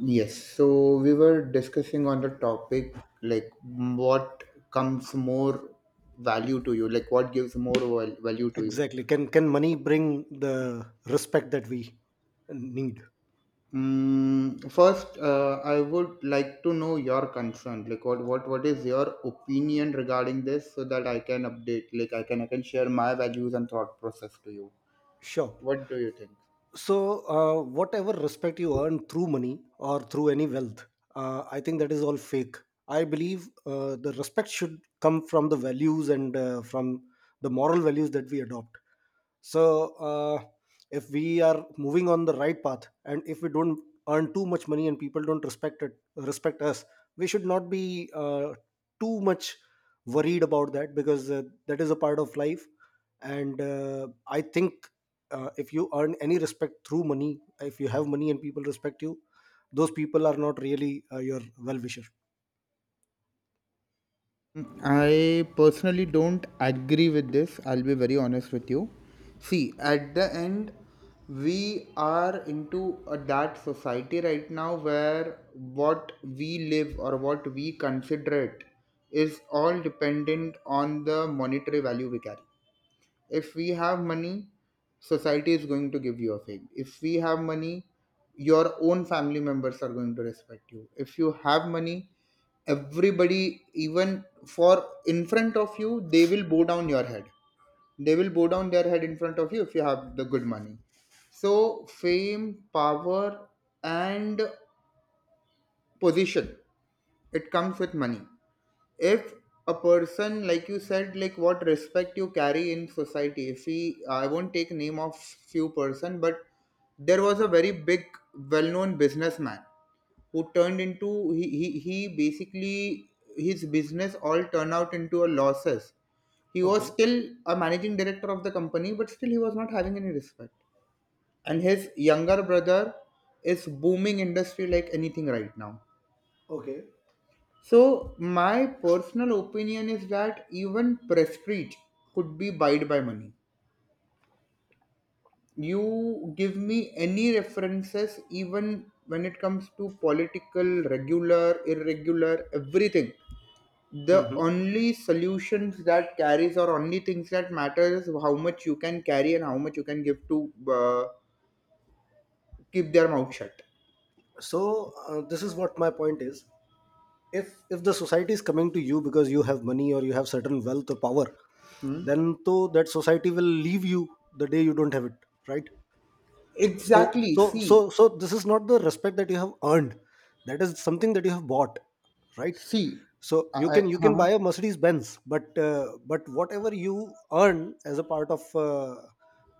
Yes, so we were discussing on the topic like what comes more value to you, like what gives more value to you. Exactly. Can money bring the respect that we need? First, I would like to know your concern, like what is your opinion regarding this, so that I can update, like I can share my values and thought process to you. Sure. What do you think? Whatever respect you earn through money or through any wealth, I think that is all fake. I believe the respect should come from the values and from the moral values that we adopt. so uh, if we are moving on the right path and if we don't earn too much money and people don't respect it respect us, we should not be too much worried about that, because that is a part of life. And uh, i think if you earn any respect through money, if you have money and people respect you, those people are not really your well wisher. I personally don't agree with this. I'll be very honest with you. See, at the end, we are into that society right now where what we live or what we consider it is all dependent on the monetary value we carry. If we have money, society is going to give you a fame. If we have money, your own family members are going to respect you. If you have money, everybody, even for in front of you, they will bow down your head. They will bow down their head in front of you if you have the good money. So fame, power, and position, it comes with money. If a person, like you said, like what respect you carry in society, if he, I won't take name of few person, but there was a very big well-known businessman who turned into he basically his business all turned out into a losses. He was Okay. still a managing director of the company, but still he was not having any respect. And his younger brother is booming industry like anything right now. Okay. So my personal opinion is that even prestige could be buyed by money. You give me any references, even when it comes to political, regular, irregular, everything. The Hmm. only solutions that carries or only things that matter is how much you can carry and how much you can give to keep their mouth shut. so this is what my point is. If the society is coming to you because you have money or you have certain wealth or power, Hmm? then to that society will leave you the day you don't have it, right? so Exactly. so See, so so this is not the respect that you have earned, that is something that you have bought, right? see. So you can you can Huh? buy a Mercedes Benz, but whatever you earn as a part of uh,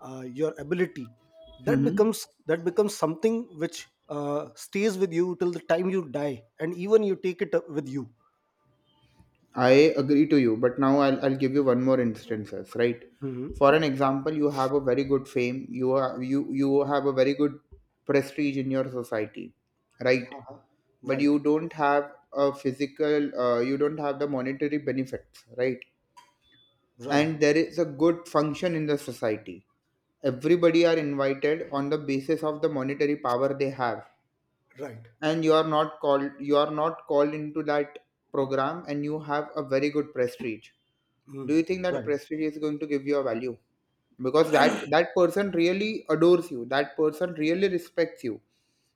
uh, your ability, that Hmm. becomes that becomes something which stays with you till the time you die, and even you take it up with you. I agree to you, but now I'll give you one more instances, right? Mhm. For an example, you have a very good fame, you are you you have a very good prestige in your society, right? Uh-huh. But Right, you don't have a physical, you don't have the monetary benefits, right? right, And there is a good function in the society. Everybody are invited on the basis of the monetary power they have, right, and you are not called into that program, and you have a very good prestige. mm, Do you think that right. prestige is going to give you a value? Because that that person really adores you, that person really respects you,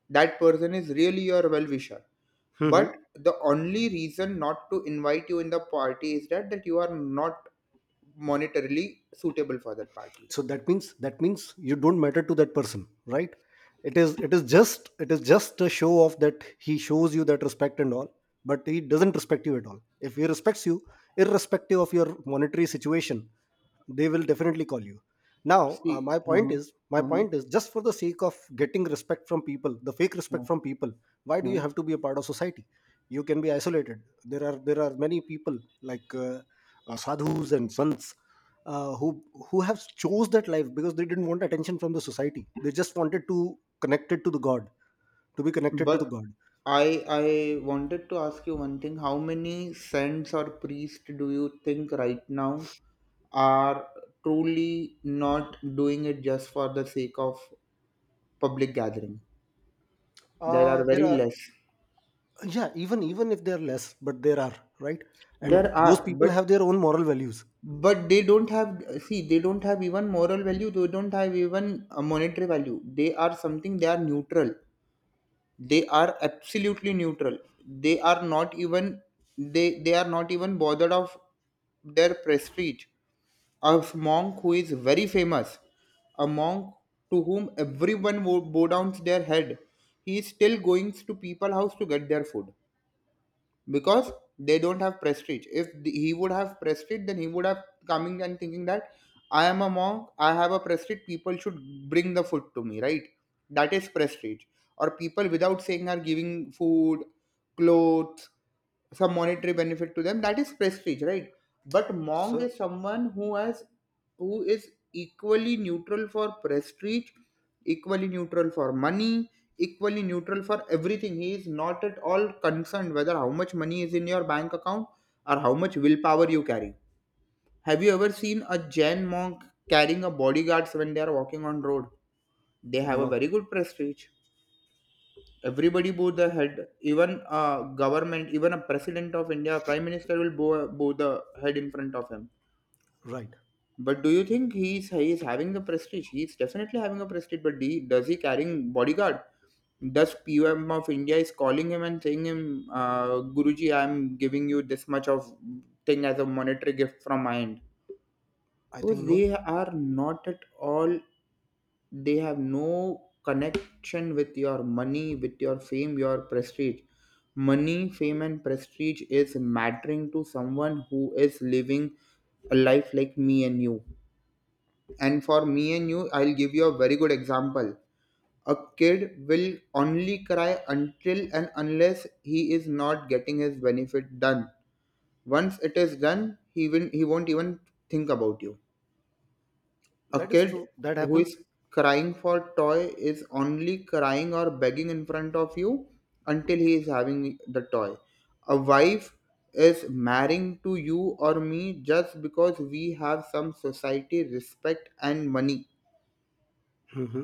that person is really your well wisher. But Hmm. the only reason not to invite you in the party is that that you are not monetarily suitable for that party. So that means, you don't matter to that person, right? It is just a show off that he shows you that respect and all, but he doesn't respect you at all. If he respects you, irrespective of your monetary situation, they will definitely call you. Now See, my point is my uh-huh, point is just for the sake of getting respect from people the fake respect from people, why do you uh-huh. have to be a part of society? You can be isolated. There are many people like sadhus and sons, who have chose that life because they didn't want attention from the society, they just wanted to connected to the god, to be connected to But the god. I wanted to ask you one thing: how many saints or priests do you think right now are truly not doing it just for the sake of public gathering? There are There very are. less. Yeah, even if there are less, but there are, right? And There those are, people have their own moral values. but they don't have, see, they don't have even moral value, they don't have even a monetary value. They are something, they are neutral, they are absolutely neutral. They are not even, they are not even bothered of their prestige. A monk who is very famous, a monk to whom everyone bow down their head. He is still going to people house to get their food, because they don't have prestige. If he would have prestige, then he would have coming and thinking that I am a monk, I have a prestige, people should bring the food to me, right? That is prestige. Or people without saying are giving food, clothes, some monetary benefit to them, that is prestige, right? But monk So. is someone who has, who is equally neutral for prestige, equally neutral for money, equally neutral for everything. He is not at all concerned whether how much money is in your bank account or how much willpower you carry. Have you ever seen a Jain monk carrying a bodyguards when they are walking on road? They have a No. very good prestige. Everybody bow the head, even a government, even a president of India, prime minister will bow the head in front of him. Right. But do you think he is having the prestige? He's definitely having a prestige, but he, does he carrying bodyguard? Thus PM of India is calling him and saying him, guruji, I'm giving you this much of thing as a monetary gift from my end? I think Because no. they are not at all, they have no connection with your money, with your fame, your prestige. Money, fame and prestige is mattering to someone who is living a life like me and you. And for me and you, I'll give you a very good example. A kid will only cry until and unless he is not getting his benefit done. Once it is done, he will, he won't even think about you. A That is kid true. That who happens. is crying for toy is only crying or begging in front of you until he is having the toy. A wife is marrying to you or me just because we have some society respect and money. Hmm.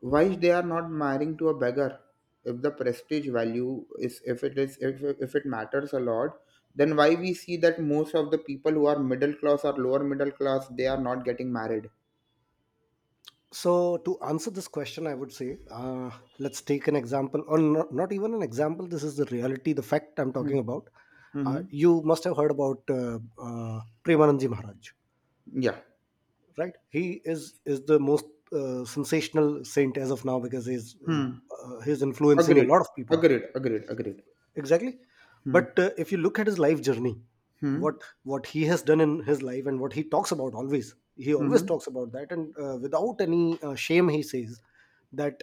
Why they are not marrying to a beggar? If the prestige value is, if it is, if it matters a lot, then why we see that most of the people who are middle class or lower middle class they are not getting married? So to answer this question, I would say, let's take an example, or not, not even an example. This is the reality, the fact I'm Hmm. talking about. Hmm. You must have heard about Premanandji Maharaj, Yeah. right? He is the most sensational saint as of now, because Hmm. He's influencing a agreed lot of people. Agreed. Exactly. Hmm. but If you look at his life journey, Hmm. what he has done in his life and what he talks about, always he always Hmm. talks about that, and without any shame he says that,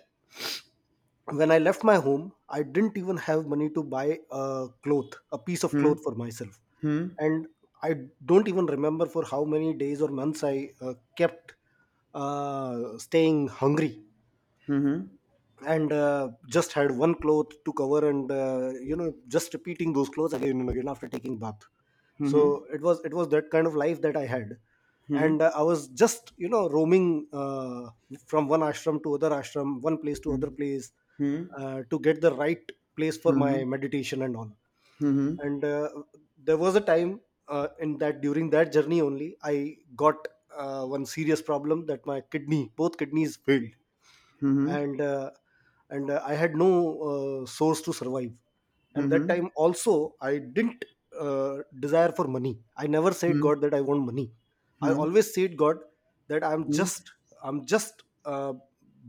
when I left my home, I didn't even have money to buy a cloth, a piece of Hmm. cloth for myself. Hmm. And I don't even remember for how many days or months I uh, kept staying hungry. Hmm. And just had one cloth to cover, and you know, just repeating those clothes again and again after taking bath. Hmm. So it was that kind of life that I had. Hmm. Hmm. And I was just, you know, roaming from one ashram to other ashram, one place to other Hmm. place, Hmm. To get the right place for my meditation and all. Hmm. And there was a time in that, during that journey only, I got one serious problem, that my kidney, both kidneys failed. Hmm. Hmm. Hmm. Hmm. And uh, and uh, I had no source to survive. And that time also I didn't desire for money. I never said Hmm. god that I want money. I Hmm. always said god that I'm just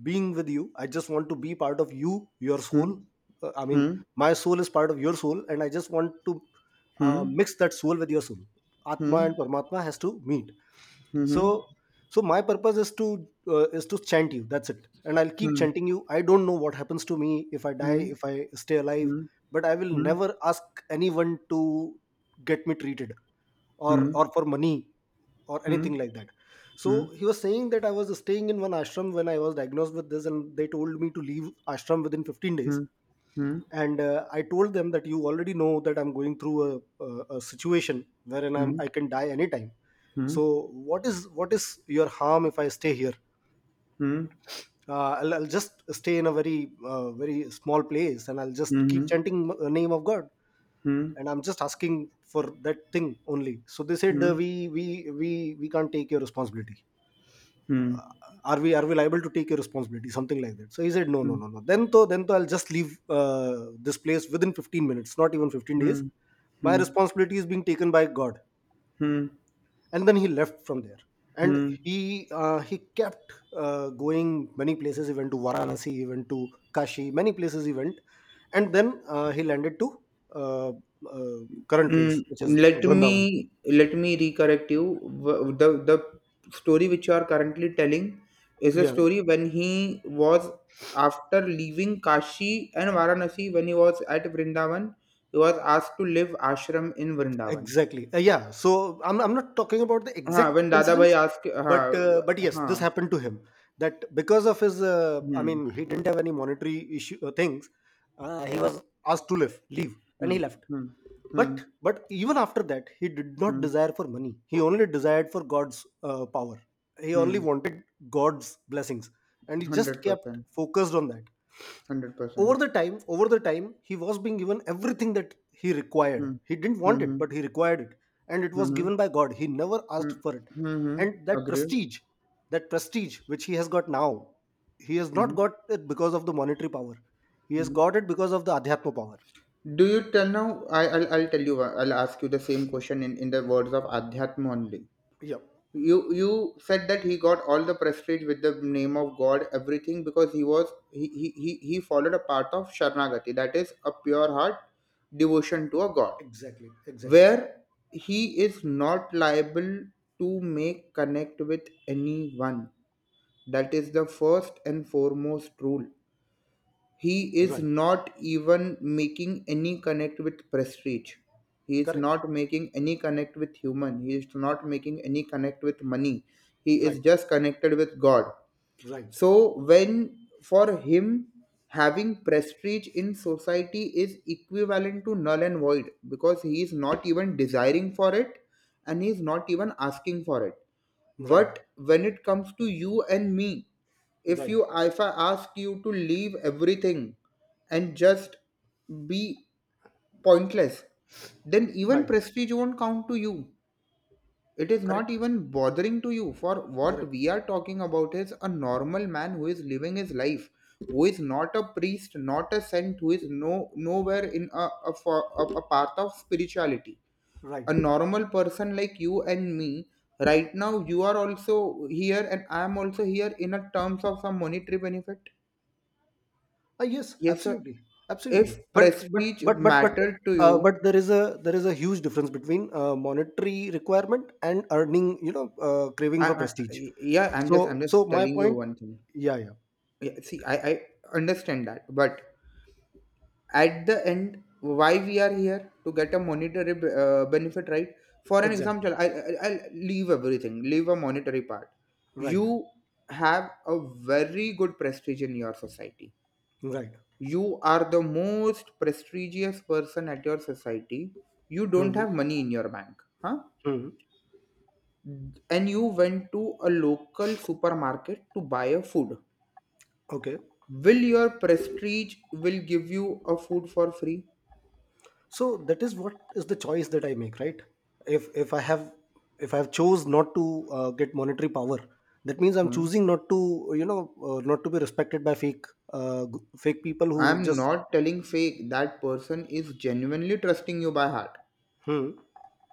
being with you, I just want to be part of you, your Hmm. soul. I mean, Hmm. my soul is part of your soul and I just want to Hmm. mix that soul with your soul. Atma Hmm. and paramatma has to meet. Hmm. So so my purpose is to chant you, that's it. And I'll keep Hmm. chanting you. I don't know what happens to me, if I die, Hmm. if I stay alive, Hmm. but I will Hmm. never ask anyone to get me treated, or Hmm. or for money or Hmm. anything like that. Hmm. So he was saying that, I was staying in one ashram when I was diagnosed with this and they told me to leave ashram within 15 days. Hmm. Hmm. And I told them that you already know that I'm going through a situation wherein Hmm. Hmm. I can die anytime. Hmm. So what is your harm if I stay here? Hmm. I'll just stay in a very very small place and I'll just Hmm. keep Hmm. chanting the name of god. And I'm just asking for that thing only. So they said, Hmm. We we can't take your responsibility. uh, are we liable to take your responsibility, something like that. So he said, no no Hmm. no no, then to I'll just leave uh, this place within 15 minutes, not even 15 days. Hmm. My Hmm. responsibility is being taken by god. Hmm. And then he left from there. And Hmm. he he kept going many places. He went to Varanasi, he went to Kashi, many places he went. And then he landed to uh, uh, current Mm, place, which is let Vrindavan. me let me recorrect you. The story which you are currently telling is a Yeah, story when he was, after leaving Kashi and Varanasi, when he was at Vrindavan, he was asked to live ashram in Vrindavan. exactly. Yeah, so I'm not talking about the हाँ, exact when दादा भाई incidents, ask. हाँ. But yes, हाँ. this happened to him, that because of his I hmm. mean, he didn't have any monetary issue things, he was asked to leave, and he hmm. left. Hmm. Hmm. But even after that, he did not desire for money. He only desired for God's power. He only hmm. wanted God's blessings, and he just hundred kept percent focused on that. hundred Over percent the time, over the time, he was being given everything that he required. Percent. He didn't hmm. want it, hmm. but he required it, and it was hmm. given by God. He never hmm. asked for it, hmm. and hmm. Agreed. That prestige which he has got now, he has not hmm. got it because of the monetary power. He has hmm. got it because of the adhyatma power. Do you tell now? I'll tell you. I'll ask you the same question in the words of Adhyatma only. Yeah, You said that he got all the prestige with the name of God, everything because he was he followed a path of Sharanagati, that is a pure heart devotion to a God, exactly, exactly. where he is not liable to make connect with anyone. That is the first and foremost rule. He is Right. not even making any connect with prestige. He is Correct. not making any connect with human. He is not making any connect with money. He is Right. just connected with God. Right. So when for him, having prestige in society is equivalent to null and void, because he is not even desiring for it and he is not even asking for it. Right. But when it comes to you and me, if Right. you, if I ask you to leave everything and just be pointless, then even Right. prestige won't count to you. It is not Correct. even bothering to you. For what Correct. we are talking about is a normal man who is living his life, who is not a priest, not a saint, who is no nowhere in a path of spirituality, a Right. normal person like you and me. Right now you are also here and I am also here in a terms of some monetary benefit. Ah, yes. Yes sir. Absolutely. If Absolutely. But but prestige but but but mattered to you. uh, but there is a huge difference between monetary requirement and earning. You know, craving for I prestige. Yeah, I'm So just so my telling you point. one thing. Yeah. Yeah. Yeah, see, I understand that, but at the end, why we are here? To get a monetary benefit, right? For an Exactly. example, I'll leave everything, leave a monetary part. Right. You have a very good prestige in your society. Right. You are the most prestigious person at your society. You don't Hmm. have money in your bank. Huh? Hmm. And you went to a local supermarket to buy a food. Okay. Will your prestige will give you a food for free? So that is what is the choice that I make, right? If I have, if I have chose not to get monetary power, that means I'm Hmm. choosing not to, you know, not to be respected by fake fake people who I'm just. not telling fake. That person is genuinely trusting you by heart. Hmm.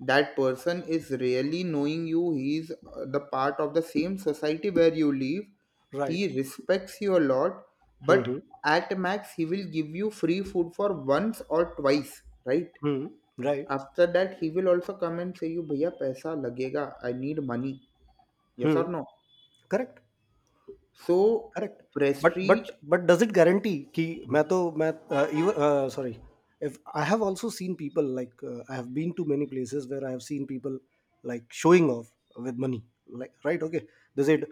That person is really knowing you. He's The part of the same society where you live. Right. He respects you a lot, Hmm. but Hmm. at max, he will give you free food for once or twice, right? Hmm, right. After that, he will also come and say you, "Bhaiya, paisa lagega. I need money." Yes or Hmm. no? Correct. So correct. But but prestige. But does it guarantee कि मैं तो मैं even sorry. If, I have also seen people like I have been to many places where I have seen people like showing off with money, like, right, okay, they said,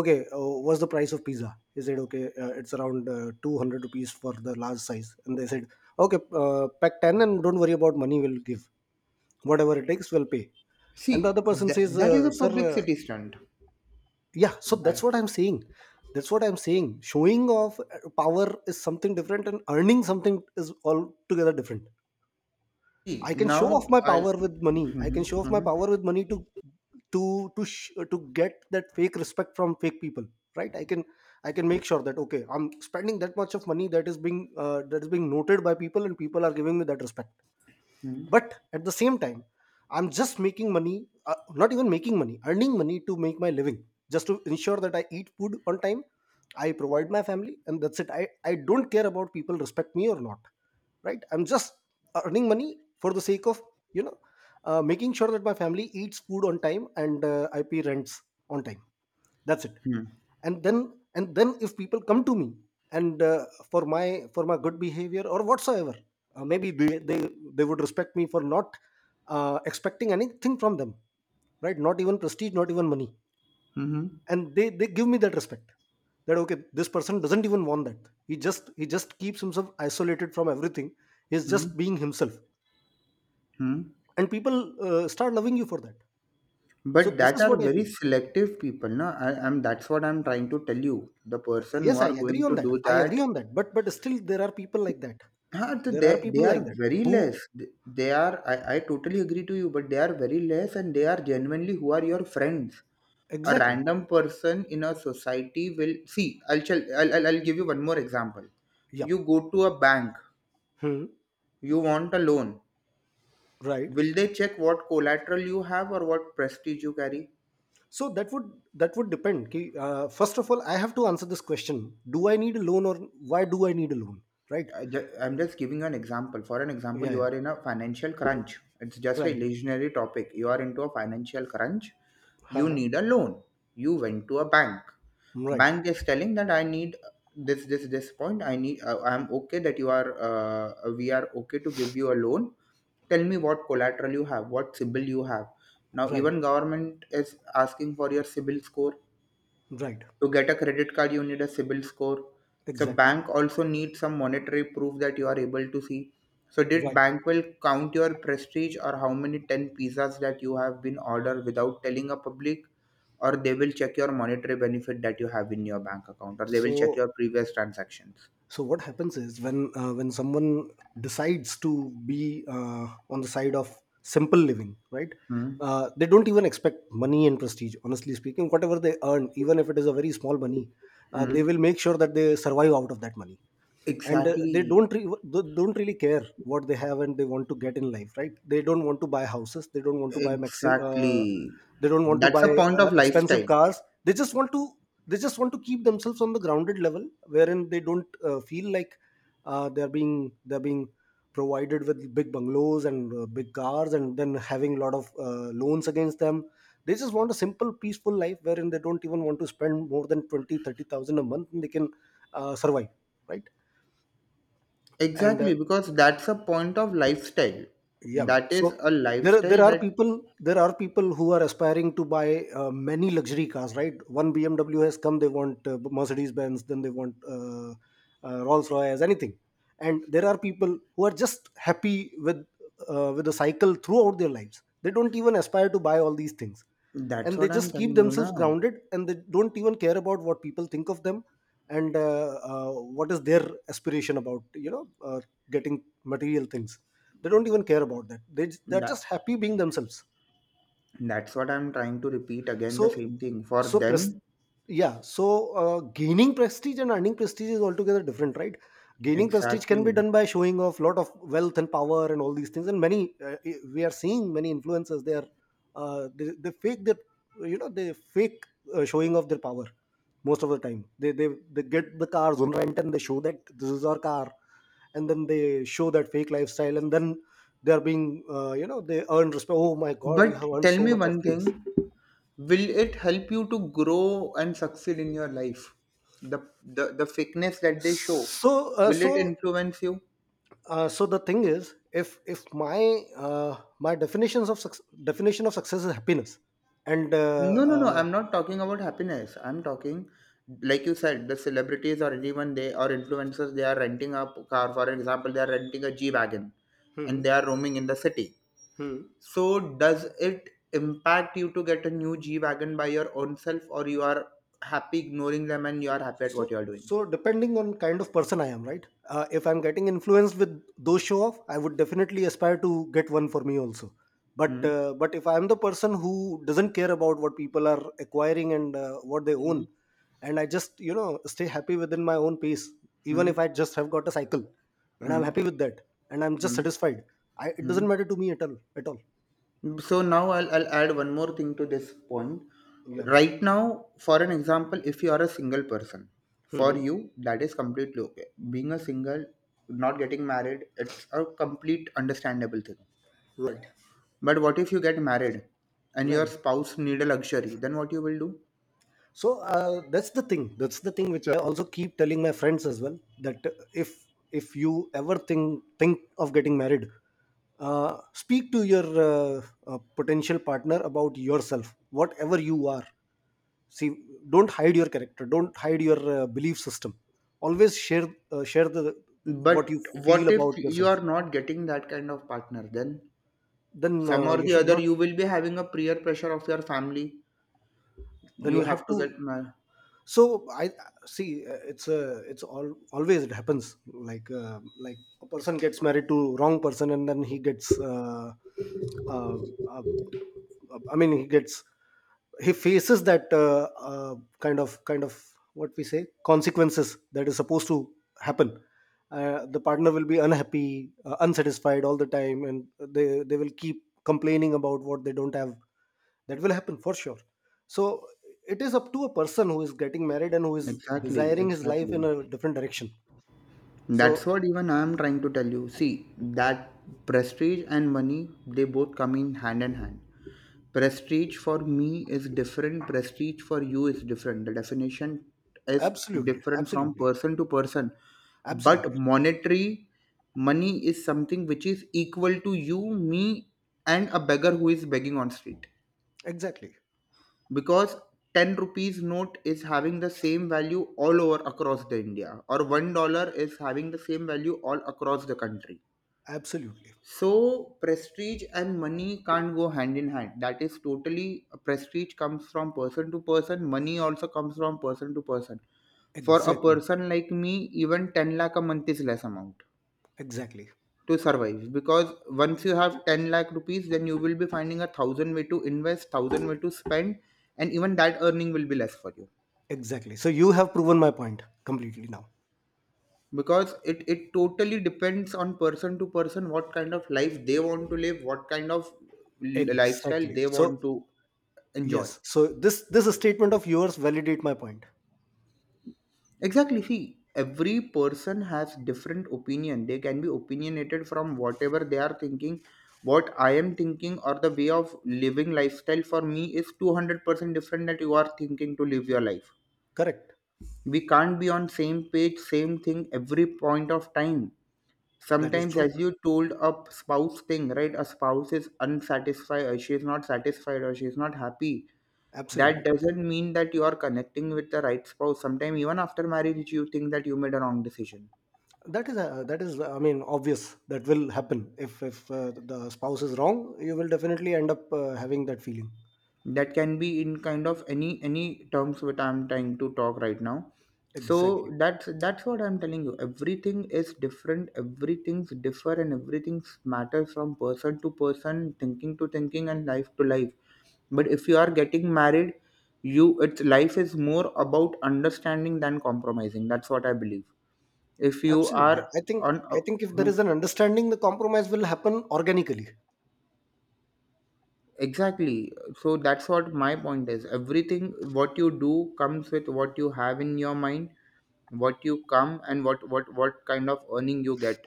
okay, what's the price of pizza? He said, okay, it's around 200 rupees for the large size. And they said, okay, pack 10 and don't worry about money, we'll give whatever it takes, we'll pay. And the See, other person that, says, that is a sir publicity stunt. yeah, so that's That- what I'm saying, that's what I'm saying, showing off power is something different and earning something is altogether different. See, I can show off now my I'll. power with money, I can Mhm, show off my mhm, power with money to to get that fake respect from fake people, right? I can make sure that, okay, I'm spending that much of money, that is being noted by people and people are giving me that respect. mhm, But at the same time, I'm just making money, not even making money earning money to make my living, just to ensure that I eat food on time, I provide my family, and that's it. I don't care about people respect me or not, right? I'm just earning money for the sake of, you know, making sure that my family eats food on time, and I pay rents on time. That's it. mhm, And then if people come to me, and for my good behavior or whatsoever, maybe they would respect me for not expecting anything from them, right? Not even prestige, not even money. mhm, And they give me that respect, that, okay, this person doesn't even want that, he just He just keeps himself isolated from everything. He's mhm, just being himself. mhm. And people start loving you for that. So But this that is are what I very feel. selective people, no? I, I'm That's what I'm trying to tell you. The Uh, person who yes I are agree going on to that. do I agree that, on that, but still there are people like that. huh, There are they people are like that very who. less. They are. I totally agree to you, but they are very less, and they are genuinely who are your friends. A Exactly. random person in a society will see. I'll tell. I'll give you one more example. You Yep. go to a bank. Hmm. You want a loan. Right. Will they check what collateral you have or what prestige you carry? So that would depend. First of all, I have to answer this question: Do I need a loan, or why do I need a loan? Right. I'm just giving you an example. For an example, Yeah, you yeah. are in a financial crunch. It's just a Right. illusionary topic. You are into a financial crunch. You Haha. need a loan. You went to a bank. Right. Bank is telling that I need this point. I need. I'm okay that you are. We are okay to give you a loan. Tell me what collateral you have. What CIBIL you have. Now Right. even government is asking for your CIBIL score. Right. To get a credit card you need a CIBIL score, so Exactly. bank also needs some monetary proof that you are able to see. So did Right. bank will count your prestige or how many 10 pizzas that you have been ordered without telling a public, or they will check your monetary benefit that you have in your bank account, or they will check your So previous transactions. So what happens is when someone decides to be on the side of simple living, right? Hmm. They don't even expect money and prestige. Honestly speaking, whatever they earn, even if it is a very small money, they Hmm. will make sure that they survive out of that money. And Exactly. They don't really care what they have and they want to get in life, right? They don't want to buy houses, they don't want to buy Exactly, they don't want to that's buy a point of expensive lifestyle. cars. They just want to they just want to keep themselves on the grounded level wherein they don't feel like they're being provided with big bungalows and big cars and then having a lot of loans against them. They just want a simple peaceful life wherein they don't even want to spend more than 20, 30,000 a month, and they can survive, right? And uh, Exactly, because that's a point of lifestyle. yeah That so is a there are- lifestyle there are that. people there are people who are aspiring to buy many luxury cars, right? One BMW has come, they want Mercedes Benz, then they want Rolls Royce, anything. And there are people who are just happy with the cycle throughout their lives. They don't even aspire to buy all these things. That's And they what I'm just keep telling you themselves now. grounded, and they don't even care about what people think of them and what is their aspiration about, getting material things. They don't even care about that. They're just That happy being themselves. that's what I'm trying to repeat again the so, same thing for so pres- them. yeah. So, gaining prestige and earning prestige is altogether different, right? Gaining prestige can be Exactly. done by showing off lot of wealth and power and all these things. And we are seeing many influencers. They fake you know they fake showing off their power most of the time. They get the cars on rent and they show that this is our car, and then they show that fake lifestyle, and then they are being you know they earn respect. Oh my God, you But have earned tell so me much of one things. thing, will it help you to grow and succeed in your life? The the fakeness that they show, so uh, will so it influence you? So the thing is, if my definition of success is happiness, and No, no, no. I'm not talking about happiness. I'm talking, like you said, the celebrities or anyone they or influencers, they are renting a car. For example, they are renting a G wagon, hmm. and they are roaming in the city. So does it impact you to get a new G wagon by your own self, or you are happy ignoring them and you are happy at what So, you are doing? so depending on kind of person I am, right? If I'm getting influenced with those show off, I would definitely aspire to get one for me also. But Hmm. uh, but if I'm the person who doesn't care about what people are acquiring and what they Hmm. own, and I just stay happy within my own pace, even Hmm. if I just have got a cycle, and I'm Hmm. happy with that, and I'm just Hmm. satisfied. It Hmm. doesn't matter to me at all. At all. So now I'll add one more thing to this point. Yeah. Right now, for an example, if you are a single person, for Mhm. you that is completely okay. Being a single, not getting married, it's a complete understandable thing. Right. But what if you get married and your Right. spouse need a luxury? Then what you will do? That's the thing, which I also keep telling my friends as well, that if you ever think of getting married, speak to your potential partner about yourself, whatever you are. See, don't hide your character, don't hide your belief system. Always share, share the what But you feel what if about you yourself. are not getting that kind of partner? Then Then some or you the should other, not you will be having a peer pressure of your family. Then You you have have to to. get married. So I See, it's all always it happens like, like a person gets married to wrong person, and then he gets uh, uh, I mean he faces that, kind of what we say, consequences that is supposed to happen. The partner will be unhappy, unsatisfied all the time, and they will keep complaining about what they don't have. That will happen for sure. So it is up to a person who is getting married and who is Exactly, desiring his life exactly. in a different direction. That's So what even I am trying to tell you. See, that prestige and money, they both come in hand in hand. Prestige for me is different, prestige for you is different. The definition is absolutely, different from absolutely. person to person. But Absolutely. monetary money is something which is equal to you, me, and a beggar who is begging on street. Exactly. Because 10 rupees note is having the same value all over across the India, or $1 is having the same value all across the country. Absolutely. So prestige and money can't go hand in hand. That is totally prestige comes from person to person. Money also comes from person to person. For a Exactly. person like me, even 10 lakh a month is less amount Exactly. to survive, because once you have 10 lakh rupees, then you will be finding a thousand way to invest, thousand way to spend, and even that earning will be less for you Exactly, so you have proven my point completely now. because it totally depends on person to person what kind of life they want to live, what kind of lifestyle Exactly, they so want to enjoy. yes, so this statement of yours validate my point. Exactly. See, every person has different opinion. They can be opinionated from whatever they are thinking. What I am thinking or the way of living lifestyle for me is 200% different that you are thinking to live your life. Correct. We can't be on same page, same thing every point of time. That is Sometimes, true. as you told a spouse thing, right? A spouse is unsatisfied, or she is not satisfied, or she is not happy. That Absolutely. doesn't mean that you are connecting with the right spouse. Sometimes, even after marriage you think that you made a wrong decision. That is I mean, obvious that will happen if the spouse is wrong, you will definitely end up having that feeling. That can be in kind of any terms what I'm trying to talk right now. So Exactly. that's what I'm telling you, everything is different, everything's differ and everything's matters from person to person, thinking to thinking and life to life. But if you are getting married, you it's life is more about understanding than compromising, that's what I believe. If you Absolutely. are I think, on if there huh? is an understanding, the compromise will happen organically. Exactly. So that's what my point is. Everything what you do comes with what you have in your mind, what you come and what what kind of earning you get.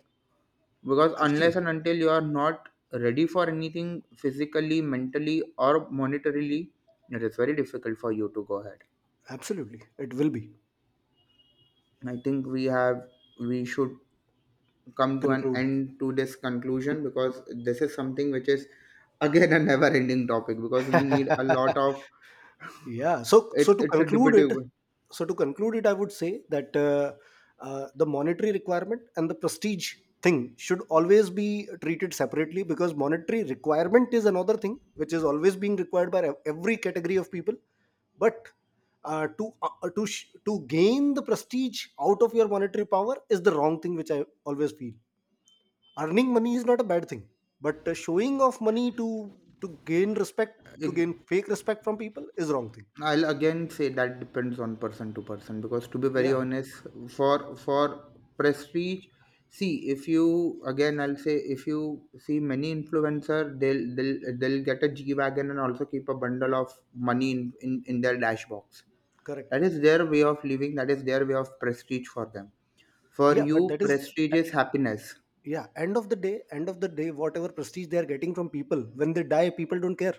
Because unless and Absolutely. until you are not ready for anything physically, mentally, or monetarily, it is very difficult for you to go ahead. Absolutely, it will be. I think we have we should come to an Conclude. end to this conclusion, because this is something which is again a never ending topic because we need a lot of. Yeah. So it, so to it's a conclude it, debatable. I would say that the monetary requirement and the prestige thing should always be treated separately, because monetary requirement is another thing which is always being required by every category of people. But to gain the prestige out of your monetary power is the wrong thing, which I always feel. Earning money is not a bad thing, but showing off money to gain respect, to gain fake respect from people, is wrong thing. I'll again say that depends on person to person because to be very Yeah, honest, for prestige, see if you again I'll say if you see many influencer, they'll get a G wagon and also keep a bundle of money in their dash box. correct. That is their way of living. That is their way of prestige for them. For Yeah, but you, that is, prestige uh, is happiness. yeah, end of the day, end of the day, whatever prestige they are getting from people, when they die, people don't care.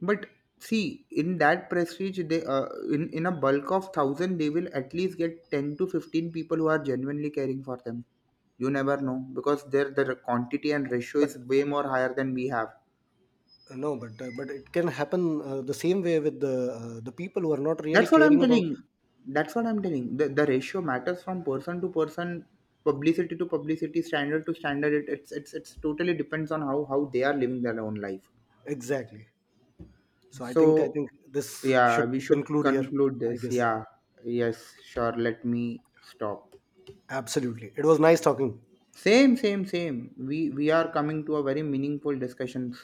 But see, in that prestige, they in a bulk of thousand, they will at least get 10 to 15 people who are genuinely caring for them. You never know because their quantity and ratio is But way more higher than we have. No, but it can happen the same way with the people who are not really That's what I'm caring about. telling. That's what I'm telling. The ratio matters from person to person, publicity to publicity, standard to standard. It, it's totally depends on how they are living their own life. Exactly. So I think, So this yeah, should we should conclude here. conclude I this. guess. Yeah, yes, sure. Let me stop. Absolutely. It was nice talking. Same, same, same. We are coming to a very meaningful discussion.